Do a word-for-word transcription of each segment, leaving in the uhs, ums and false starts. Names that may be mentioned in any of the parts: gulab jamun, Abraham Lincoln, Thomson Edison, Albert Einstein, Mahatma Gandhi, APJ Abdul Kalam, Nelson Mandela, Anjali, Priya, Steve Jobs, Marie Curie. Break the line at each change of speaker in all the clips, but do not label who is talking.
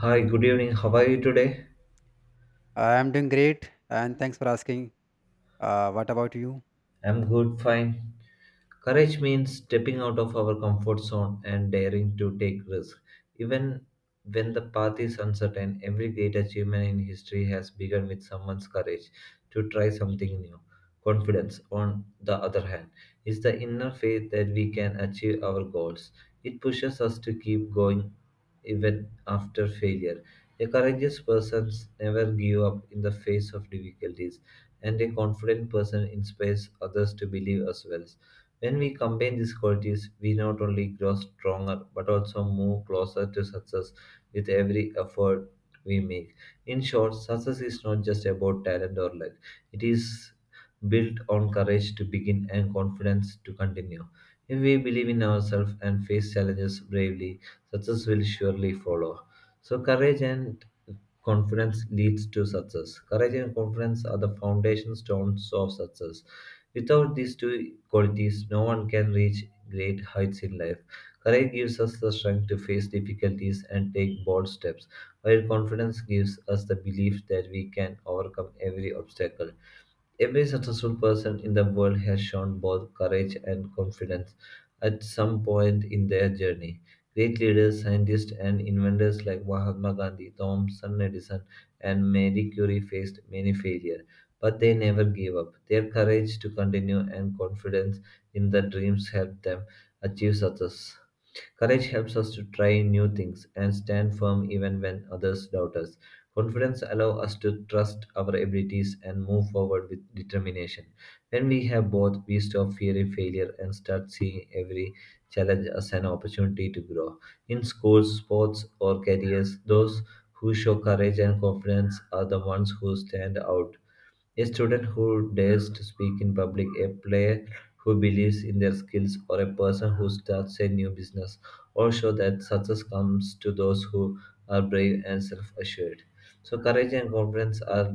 Hi, good evening. How are you today?
I'm doing great, and thanks for asking. Uh, what about you?
I'm good, fine. Courage means stepping out of our comfort zone and daring to take risks. Even when the path is uncertain, every great achievement in history has begun with someone's courage to try something new. Confidence, on the other hand, is the inner faith that we can achieve our goals. It pushes us to keep going even after failure. A courageous person never gives up in the face of difficulties, and a confident person inspires others to believe as well. When we combine these qualities, we not only grow stronger but also move closer to success with every effort we make. In short, success is not just about talent or luck, it is built on courage to begin and confidence to continue. If we believe in ourselves and face challenges bravely, success will surely follow. So, courage and confidence leads to success. Courage and confidence are the foundation stones of success. Without these two qualities, no one can reach great heights in life. Courage gives us the strength to face difficulties and take bold steps, while confidence gives us the belief that we can overcome every obstacle. Every successful person in the world has shown both courage and confidence at some point in their journey. Great leaders, scientists, and inventors like Mahatma Gandhi, Thomson Edison, and Marie Curie faced many failures, but they never gave up. Their courage to continue and confidence in their dreams helped them achieve success. Courage helps us to try new things and stand firm even when others doubt us. Confidence allows us to trust our abilities and move forward with determination. When we have both, we stop fearing failure and start seeing every challenge as an opportunity to grow. In schools, sports, or careers, those who show courage and confidence are the ones who stand out, a student who dares to speak in public, a player who believes in their skills, or a person who starts a new business all show that success comes to those who are brave and self assured. So, courage and confidence are,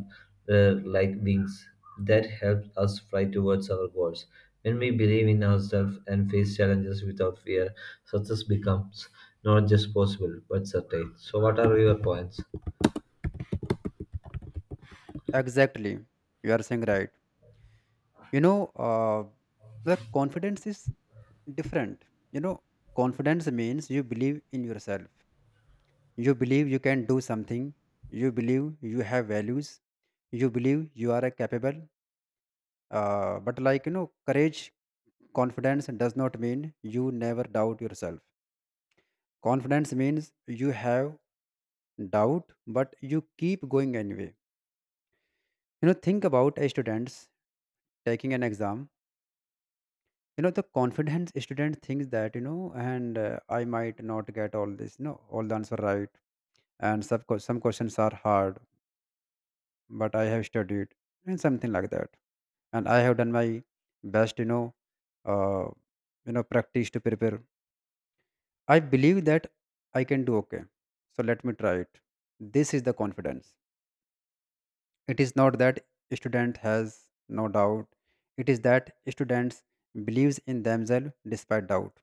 uh, like wings that help us fly towards our goals. When we believe in ourselves and face challenges without fear, success becomes not just possible but certain. So, what are your points?
Exactly, you are saying right. You know, uh, the confidence is different. You know, Confidence means you believe in yourself. You believe you can do something. You believe you have values. You believe you are a capable. Uh, but like you know, courage, confidence does not mean you never doubt yourself. Confidence means you have doubt, but you keep going anyway you know Think about a students taking an exam you know The confident student thinks that you know and uh, I might not get all this, no, all the answer right, and some, ques- some questions are hard, but I have studied and something like that, and I have done my best you know uh, you know Practice to prepare. I believe that I can do okay, so let me try it. This is the confidence. It is not that student has no doubt; it is that students believes in themselves despite doubt.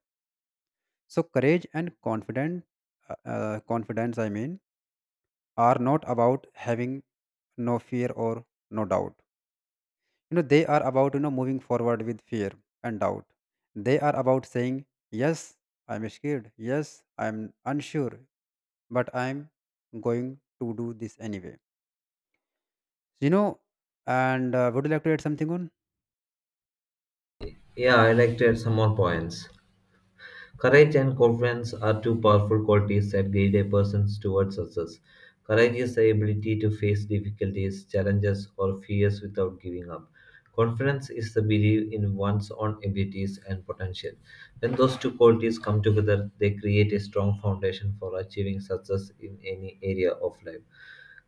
So courage and confident uh, uh, confidence I mean are not about having no fear or no doubt you know They are about you know moving forward with fear and doubt. They are about saying yes, I'm scared, yes, I'm unsure, but I'm going to do this anyway you know and uh, would you like to add something on?
Yeah, I'd like to add some more points. Courage and confidence are two powerful qualities that guide a person towards success. Courage is the ability to face difficulties, challenges, or fears without giving up. Confidence is the belief in one's own abilities and potential. When those two qualities come together, they create a strong foundation for achieving success in any area of life.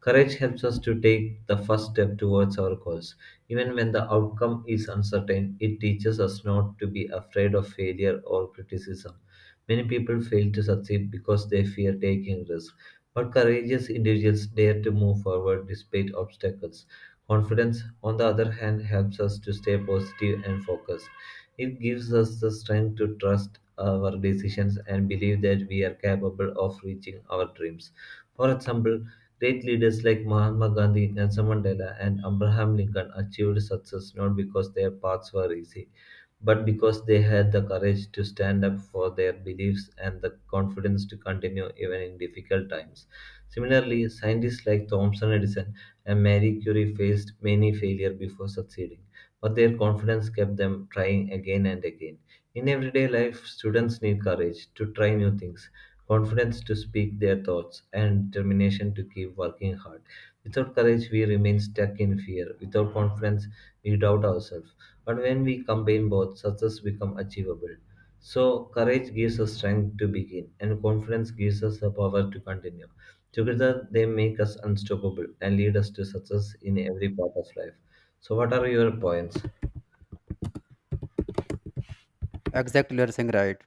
Courage helps us to take the first step towards our goals. Even when the outcome is uncertain, it teaches us not to be afraid of failure or criticism. Many people fail to succeed because they fear taking risks, but courageous individuals dare to move forward despite obstacles. Confidence, on the other hand, helps us to stay positive and focused. It gives us the strength to trust our decisions and believe that we are capable of reaching our dreams. For example, great leaders like Mahatma Gandhi, Nelson Mandela, and Abraham Lincoln achieved success not because their paths were easy, but because they had the courage to stand up for their beliefs and the confidence to continue even in difficult times. Similarly, scientists like Thomson Edison and Marie Curie faced many failures before succeeding, but their confidence kept them trying again and again. In everyday life, students need courage to try new things, confidence to speak their thoughts, and determination to keep working hard. Without courage, we remain stuck in fear. Without confidence, we doubt ourselves. But when we combine both, success becomes achievable. So, courage gives us strength to begin, and confidence gives us the power to continue. Together, they make us unstoppable and lead us to success in every part of life. So, what are your points?
Exactly, you're saying right.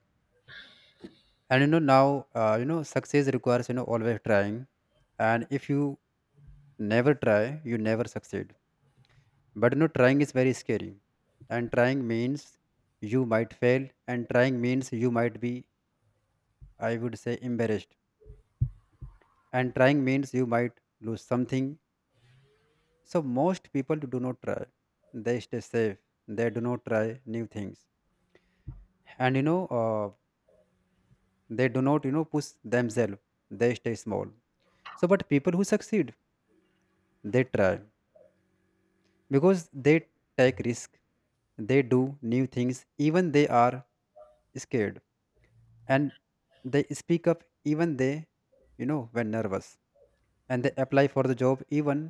And you know now, uh, you know success requires you know always trying, and if you never try, you never succeed. But you know trying is very scary, and trying means you might fail, and trying means you might be, I would say, embarrassed, and trying means you might lose something. So most people do not try; they stay safe. They do not try new things, and you know uh, they do not you know push themselves. They stay small. So, but people who succeed, they try because they take risk, they do new things even they are scared, and they speak up even they, you know when nervous, and they apply for the job even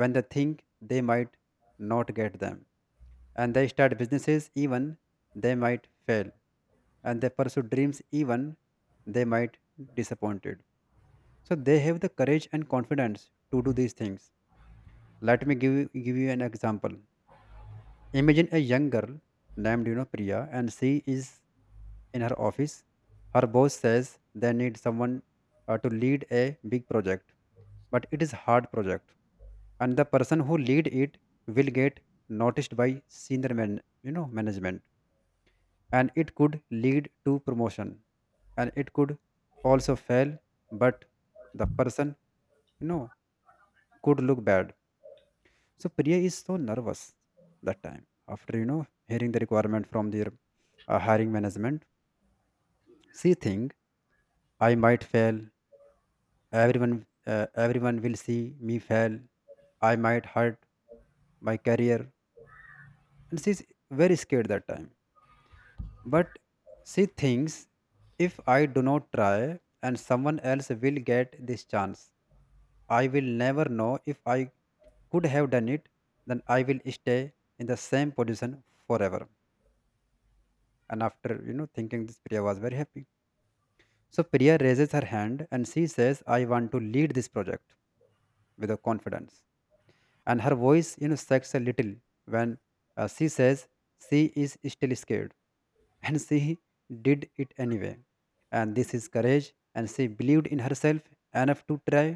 when they think they might not get them, and they start businesses even they might fail, and they pursue dreams even they might disappointed. So they have the courage and confidence to do these things. Let me give you, give you an example. Imagine a young girl named you know Priya, and she is in her office. Her boss says they need someone uh, to lead a big project, but it is hard project, and the person who lead it will get noticed by senior man, you know, management, and it could lead to promotion, and it could also fail, but the person, you know could look bad. So Priya is so nervous that time after you know hearing the requirement from their uh, hiring management. She think, I might fail. Everyone, uh, everyone will see me fail. I might hurt my career, and she's very scared that time. But she thinks, if I do not try, and someone else will get this chance. I will never know if I could have done it. Then I will stay in the same position forever. And after you know thinking this, Priya was very happy. So Priya raises her hand and she says, I want to lead this project, with a confidence. And her voice, you know, shakes a little when uh, she says, she is still scared and she did it anyway. And this is courage. And she believed in herself enough to try.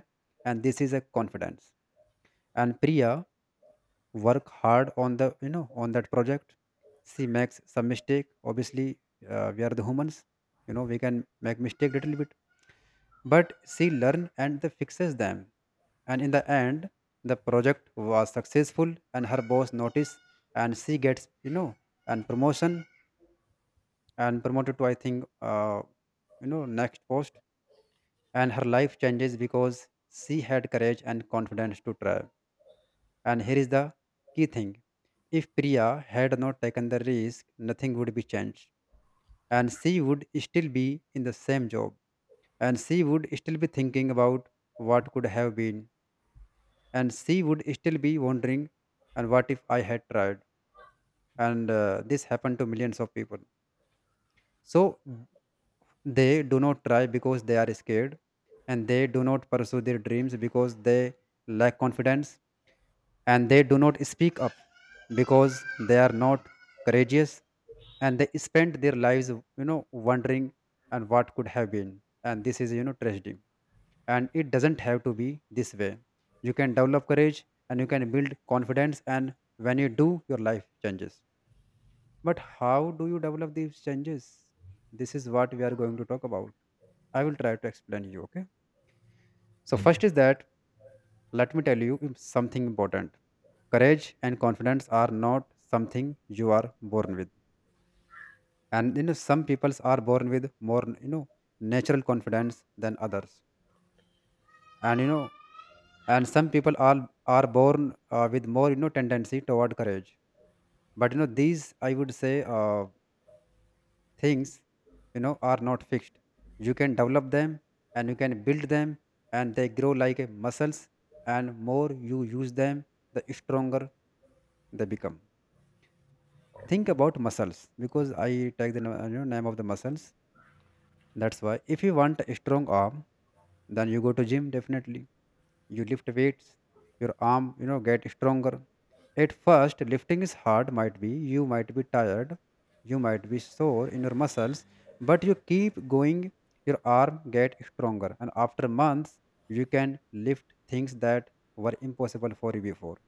And this is a confidence. And Priya work hard on the, you know, on that project. She makes some mistake obviously. Uh, we are the humans. You know, we can make mistake little bit. But she learn and the fixes them. And in the end, the project was successful and her boss noticed. And she gets, you know, and promotion. And promoted to, I think, uh, you know next post. And her life changes because she had courage and confidence to try. And here is the key thing. If Priya had not taken the risk, nothing would be changed. And she would still be in the same job. And she would still be thinking about what could have been. And she would still be wondering, and what if I had tried? And uh, this happened to millions of people. So. Mm. They do not try because they are scared. And they do not pursue their dreams because they lack confidence. And they do not speak up because they are not courageous. And they spend their lives, you know, wondering, and what could have been. And this is, you know, tragedy. And it doesn't have to be this way. You can develop courage and you can build confidence, and when you do, your life changes. But how do you develop these changes? This is what we are going to talk about. I will try to explain you. Okay, so
Okay.
first is that, let me tell you something important. Courage and confidence are not something you are born with. And you know, some peoples are born with more, you know, natural confidence than others. And you know, and some people are are born uh, with more, you know, tendency toward courage. But you know, these I would say uh, things, you know, are not fixed. You can develop them and you can build them, and they grow like uh, muscles. And more you use them, the stronger they become. Think about muscles because I take the na- you know, name of the muscles. That's why if you want a strong arm, then you go to gym definitely. You lift weights, your arm, you know, get stronger. At first, lifting is hard. Might be you might be tired, you might be sore in your muscles, but you keep going. Your arm get stronger, and after months, you can lift things that were impossible for you before.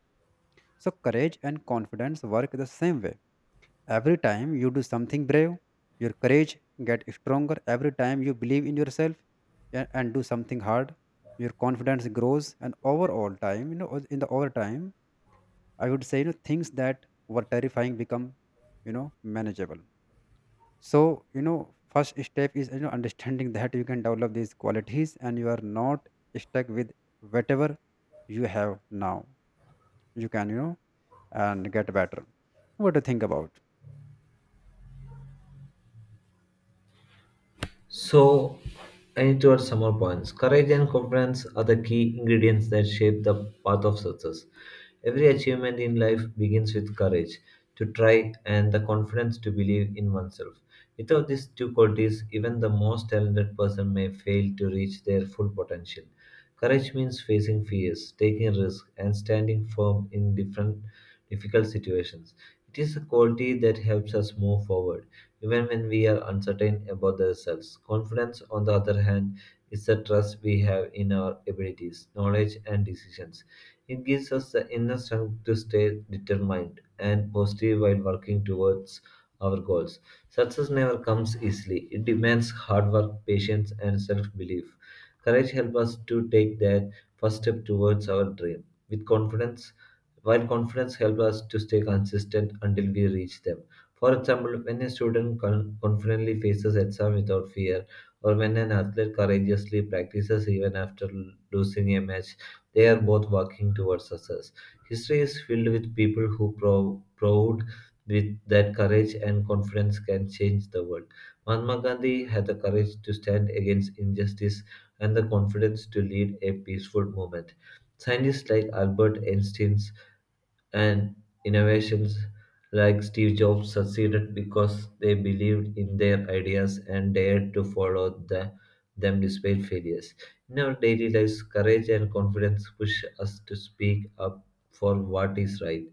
So courage and confidence work the same way. Every time you do something brave, your courage get stronger. Every time you believe in yourself a- and do something hard, your confidence grows. And overall time, you know, o- in the over time, I would say, you know, things that were terrifying become, you know, manageable. So, you know, first step is, you know, understanding that you can develop these qualities and you are not stuck with whatever you have now. You can, you know, and get better. What do you think about?
So, I need to add some more points. Courage and confidence are the key ingredients that shape the path of success. Every achievement in life begins with courage to try and the confidence to believe in oneself. Without these two qualities, even the most talented person may fail to reach their full potential. Courage means facing fears, taking risks, and standing firm in different difficult situations. It is a quality that helps us move forward even when we are uncertain about ourselves. Confidence, on the other hand, is the trust we have in our abilities, knowledge, and decisions. It gives us the inner strength to stay determined and positive while working towards our goals. Success never comes easily. It demands hard work, patience, and self belief. Courage helps us to take that first step towards our dream with confidence, while confidence helps us to stay consistent until we reach them. For example, when a student con- confidently faces exam without fear, or when an athlete courageously practices even after l- losing a match, they are both working towards success. History is filled with people who prov- proved with that courage and confidence can change the world. Mahatma Gandhi had the courage to stand against injustice and the confidence to lead a peaceful movement. Scientists like Albert Einstein and innovations like Steve Jobs succeeded because they believed in their ideas and dared to follow the, them despite failures. In our daily lives, courage and confidence push us to speak up for what is right,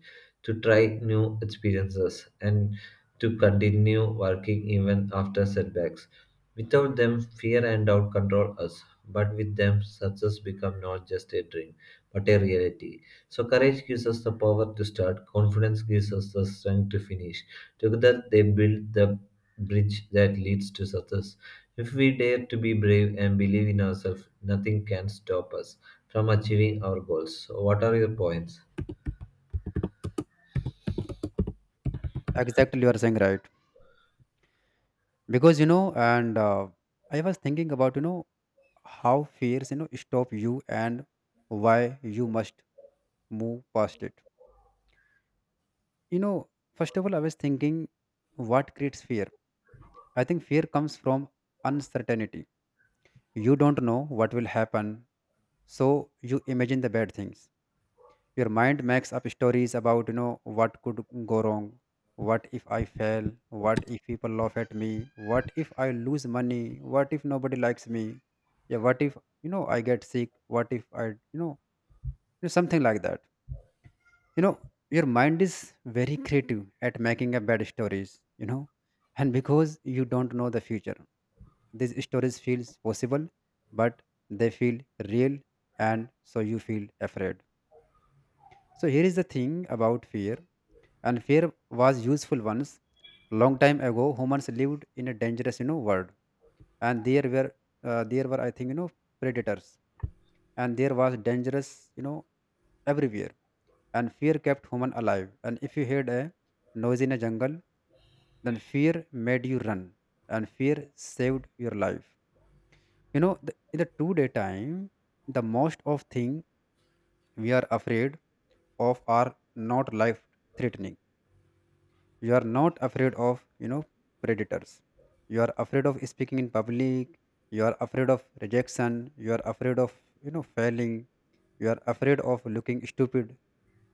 to try new experiences, and to continue working even after setbacks. Without them, fear and doubt control us, but with them, success becomes not just a dream, but a reality. So, courage gives us the power to start, confidence gives us the strength to finish. Together, they build the bridge that leads to success. If we dare to be brave and believe in ourselves, nothing can stop us from achieving our goals. So, what are your points?
Exactly, you are saying right. Because you know and uh, I was thinking about, you know, how fears, you know, stop you, and why you must move past it you know First of all, I was thinking, what creates fear? I think fear comes from uncertainty. You don't know what will happen, so you imagine the bad things. Your mind makes up stories about, you know, what could go wrong. What if I fail? What if people laugh at me? What if I lose money? What if nobody likes me? Yeah, what if, you know, I get sick? What if I, you know, you know, something like that. You know, your mind is very creative at making up bad stories, you know. And because you don't know the future, these stories feels possible, but they feel real, and so you feel afraid. So here is the thing about fear, and fear was useful once. Long time ago, humans lived in a dangerous, you know, world, and there were uh, there were I think, you know, predators, and there was dangerous, you know, everywhere, and fear kept human alive. And if you heard a noise in a jungle, then fear made you run, and fear saved your life. You know, the, in the two day time, the most of thing we are afraid of are not life threatening. You are not afraid of you know predators. You are afraid of speaking in public. You are afraid of rejection. You are afraid of you know failing. You are afraid of looking stupid,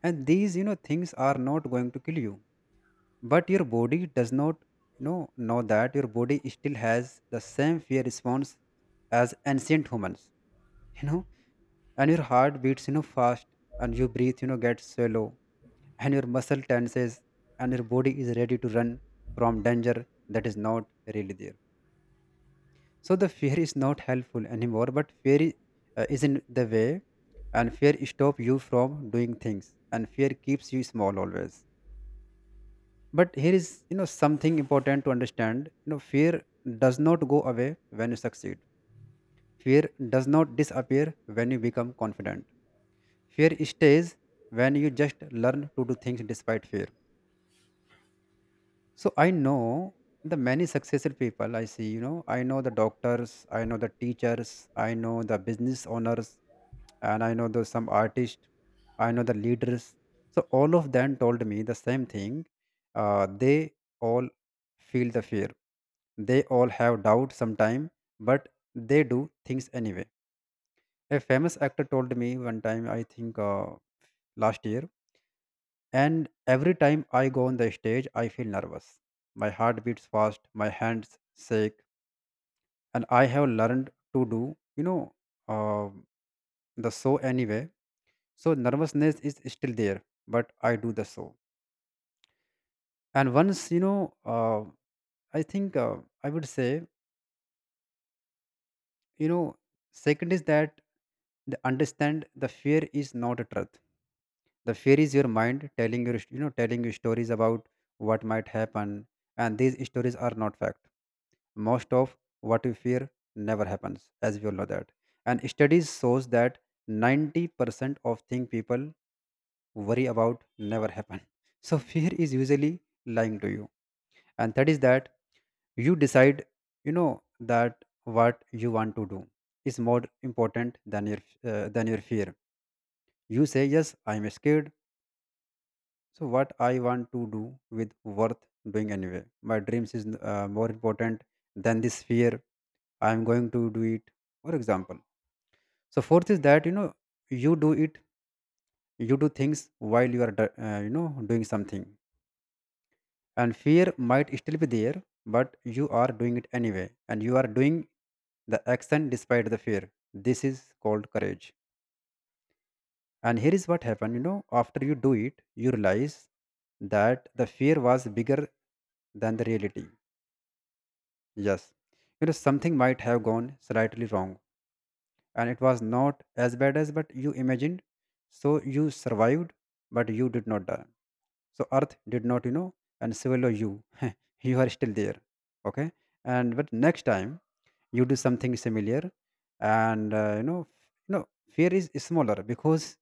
and these you know things are not going to kill you, but your body does not you know know that. Your body still has the same fear response as ancient humans. you know and your heart beats you know fast, and your breath you know gets shallow, and your muscle tenses, and your body is ready to run from danger that is not really there. So the fear is not helpful anymore, but fear i- uh, is in the way, and fear stop you from doing things, and fear keeps you small always. But here is you know something important to understand. You know fear does not go away when you succeed. Fear does not disappear when you become confident. Fear stays when you just learn to do things despite fear. So I know the many successful people I see, you know, I know the doctors, I know the teachers, I know the business owners, and I know the, some artists, I know the leaders. So all of them told me the same thing. Uh, they all feel the fear. They all have doubt sometime, but they do things anyway. A famous actor told me one time, I think uh, last year, and every time I go on the stage, I feel nervous. My heart beats fast, my hands shake, and I have learned to do, you know, uh, the show anyway. So nervousness is still there, but I do the show. And once, you know, uh, I think uh, I would say, you know, second is that they understand the fear is not a truth. The fear is your mind telling your you know telling you stories about what might happen, and these stories are not fact. Most of what you fear never happens, as we all know that, and studies shows that ninety percent of things people worry about never happen. So fear is usually lying to you, and that is that you decide you know that what you want to do is more important than your uh, than your fear. You say yes, I am scared, so what I want to do with worth doing anyway. My dreams is uh, more important than this fear. I am going to do it. For example. So fourth is that you know you do it. You do things while you are do- uh, you know doing something, and fear might still be there, but you are doing it anyway, and you are doing the action despite the fear. This is called courage. And here is what happened, you know, after you do it, you realize that the fear was bigger than the reality. Yes. You know, something might have gone slightly wrong, and it was not as bad as but you imagined. So you survived, but you did not die. So earth did not, you know, and swallow you. You are still there. Okay. And but next time you do something similar, and uh, you know f- you know fear is smaller, because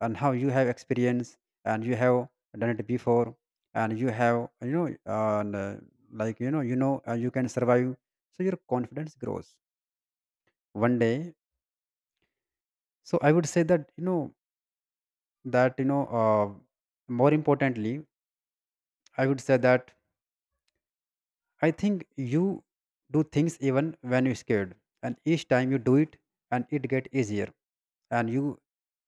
and how you have experience, and you have done it before, and you have you know and uh, like you know you know uh, you can survive, so your confidence grows one day. So I would say that you know that you know uh, more importantly, I would say that I think you do things even when you're scared, and each time you do it, and it get easier, and you,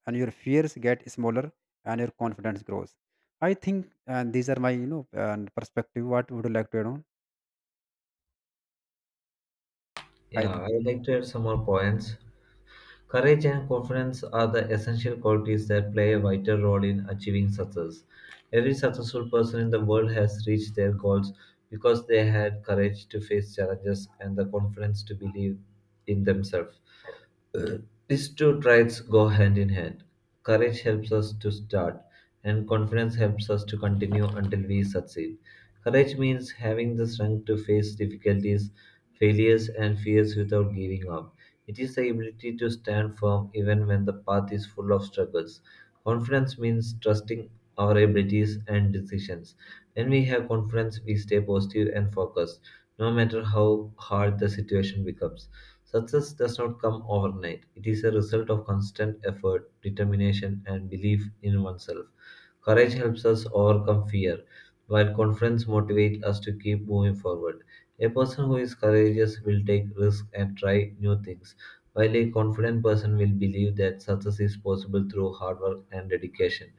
and your fears get smaller, and your confidence grows, I think. And these are my you know and perspective. What would you like to add on? I
Yeah, I would
think
like to add some more points. Courage and confidence are the essential qualities that play a vital role in achieving success. Every successful person in the world has reached their goals because they had courage to face challenges and the confidence to believe in themselves. Uh, These two traits go hand in hand. Courage helps us to start, and confidence helps us to continue until we succeed. Courage means having the strength to face difficulties, failures, and fears without giving up. It is the ability to stand firm even when the path is full of struggles. Confidence means trusting our abilities and decisions. When we have confidence, we stay positive and focused, no matter how hard the situation becomes. Success does not come overnight. It is a result of constant effort, determination, and belief in oneself. Courage helps us overcome fear, while confidence motivates us to keep moving forward. A person who is courageous will take risks and try new things, while a confident person will believe that success is possible through hard work and dedication.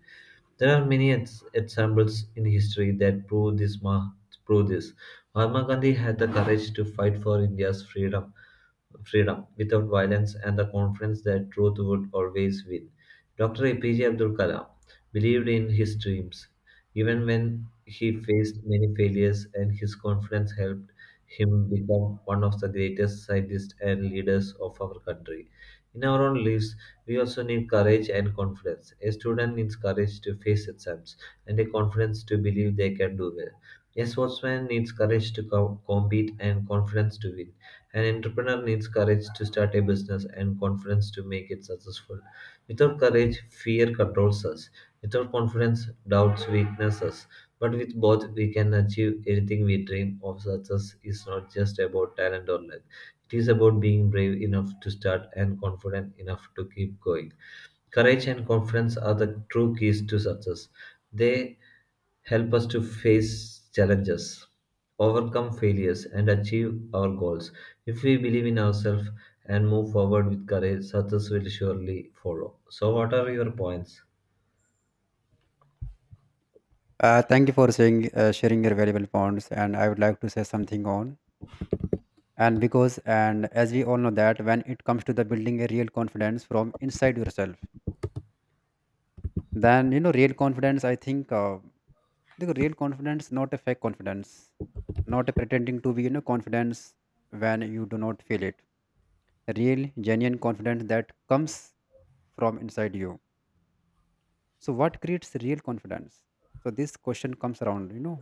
There are many ex- examples in history that prove this. Ma- prove this. Mahatma Gandhi had the courage to fight for India's freedom, freedom without violence, and the confidence that truth would always win. Doctor A P J Abdul Kalam believed in his dreams, even when he faced many failures, and his confidence helped him become one of the greatest scientists and leaders of our country. In our own lives, we also need courage and confidence. A student needs courage to face exams and a confidence to believe they can do well. A sportsman needs courage to com- compete and confidence to win. An entrepreneur needs courage to start a business and confidence to make it successful. Without courage, fear controls us. Without confidence, doubts weakness us. But with both, we can achieve anything we dream of. Success is not just about talent or luck. It is about being brave enough to start and confident enough to keep going. Courage and confidence are the true keys to success. They help us to face challenges, overcome failures, and achieve our goals. If we believe in ourselves and move forward with courage, success will surely follow. So, what are your points?
uh, thank you for saying uh, sharing your valuable points, and I would like to say something on, and because, and as we all know that when it comes to the building a real confidence from inside yourself, then you know real confidence, I think uh, the real confidence, not a fake confidence, not a pretending to be you know confidence when you do not feel it. Real genuine confidence that comes from inside you. So what creates real confidence? So this question comes around. You know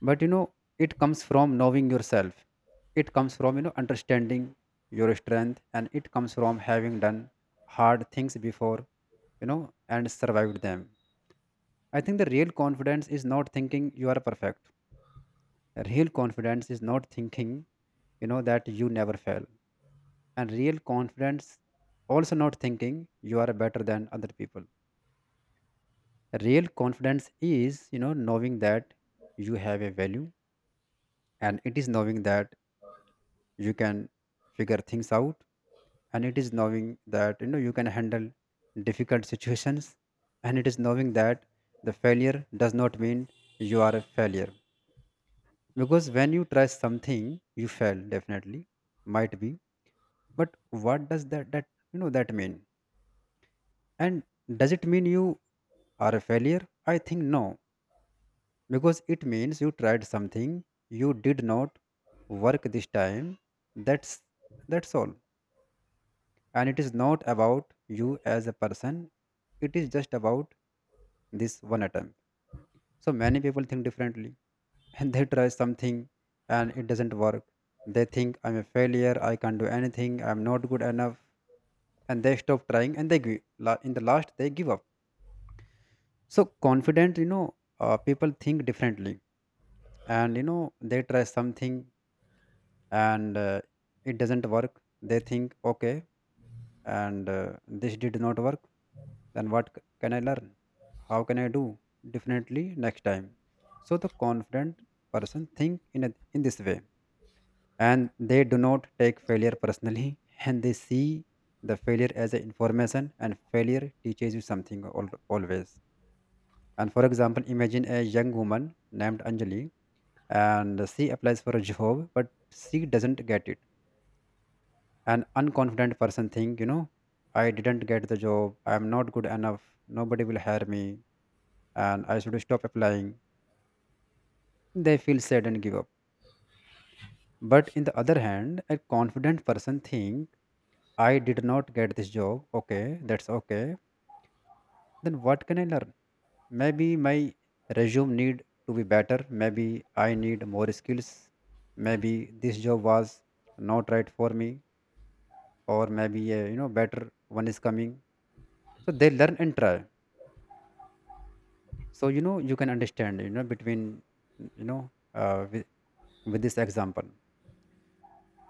but you know It comes from knowing yourself. It comes from you know understanding your strength, and it comes from having done hard things before, you know and survived them. I think the real confidence is not thinking you are perfect. Real confidence is not thinking you know that you never fail, and real confidence also not thinking you are better than other people. Real confidence is you know knowing that you have a value, and it is knowing that you can figure things out, and it is knowing that you know you can handle difficult situations, and it is knowing that the failure does not mean you are a failure. Because when you try something, you fail definitely, might be, but what does that that you know that mean? And does it mean you are a failure? I think no, because it means you tried something. You did not work this time. That's that's all. And it is not about you as a person. It is just about this one attempt. So many people think differently. And they try something and it doesn't work. They think, I'm a failure, I can't do anything, I'm not good enough, and they stop trying and they give. In the last, they give up. So confident, you know, uh, people think differently, and you know they try something, and uh, it doesn't work. They think, okay, and uh, this did not work. Then what c- can I learn? How can I do differently next time? So the confident person think in a, in this way, and they do not take failure personally. And they see the failure as a information, and failure teaches you something al- always. And for example, imagine a young woman named Anjali, and she applies for a job, but she doesn't get it. An unconfident person think, you know, I didn't get the job, I'm not good enough, nobody will hire me, and I should stop applying. They feel sad and give up. But in the other hand, a confident person think, I did not get this job, okay, that's okay. Then what can I learn? Maybe my resume need to be better. Maybe I need more skills. Maybe this job was not right for me, or maybe a you know better one is coming. So they learn and try. So you know you can understand you know between you know uh, with, with this example.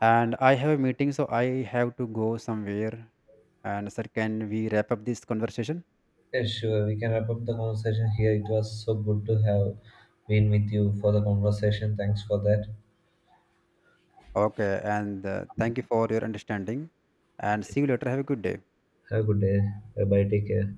And I have a meeting, so I have to go somewhere. And sir, can we wrap up this conversation?
Yes, sure. We can wrap up the conversation here. It was so good to have been with you for the conversation. Thanks for that.
Okay. And uh, thank you for your understanding. And see you later. Have a good day.
Have a good day. Bye bye. Take care.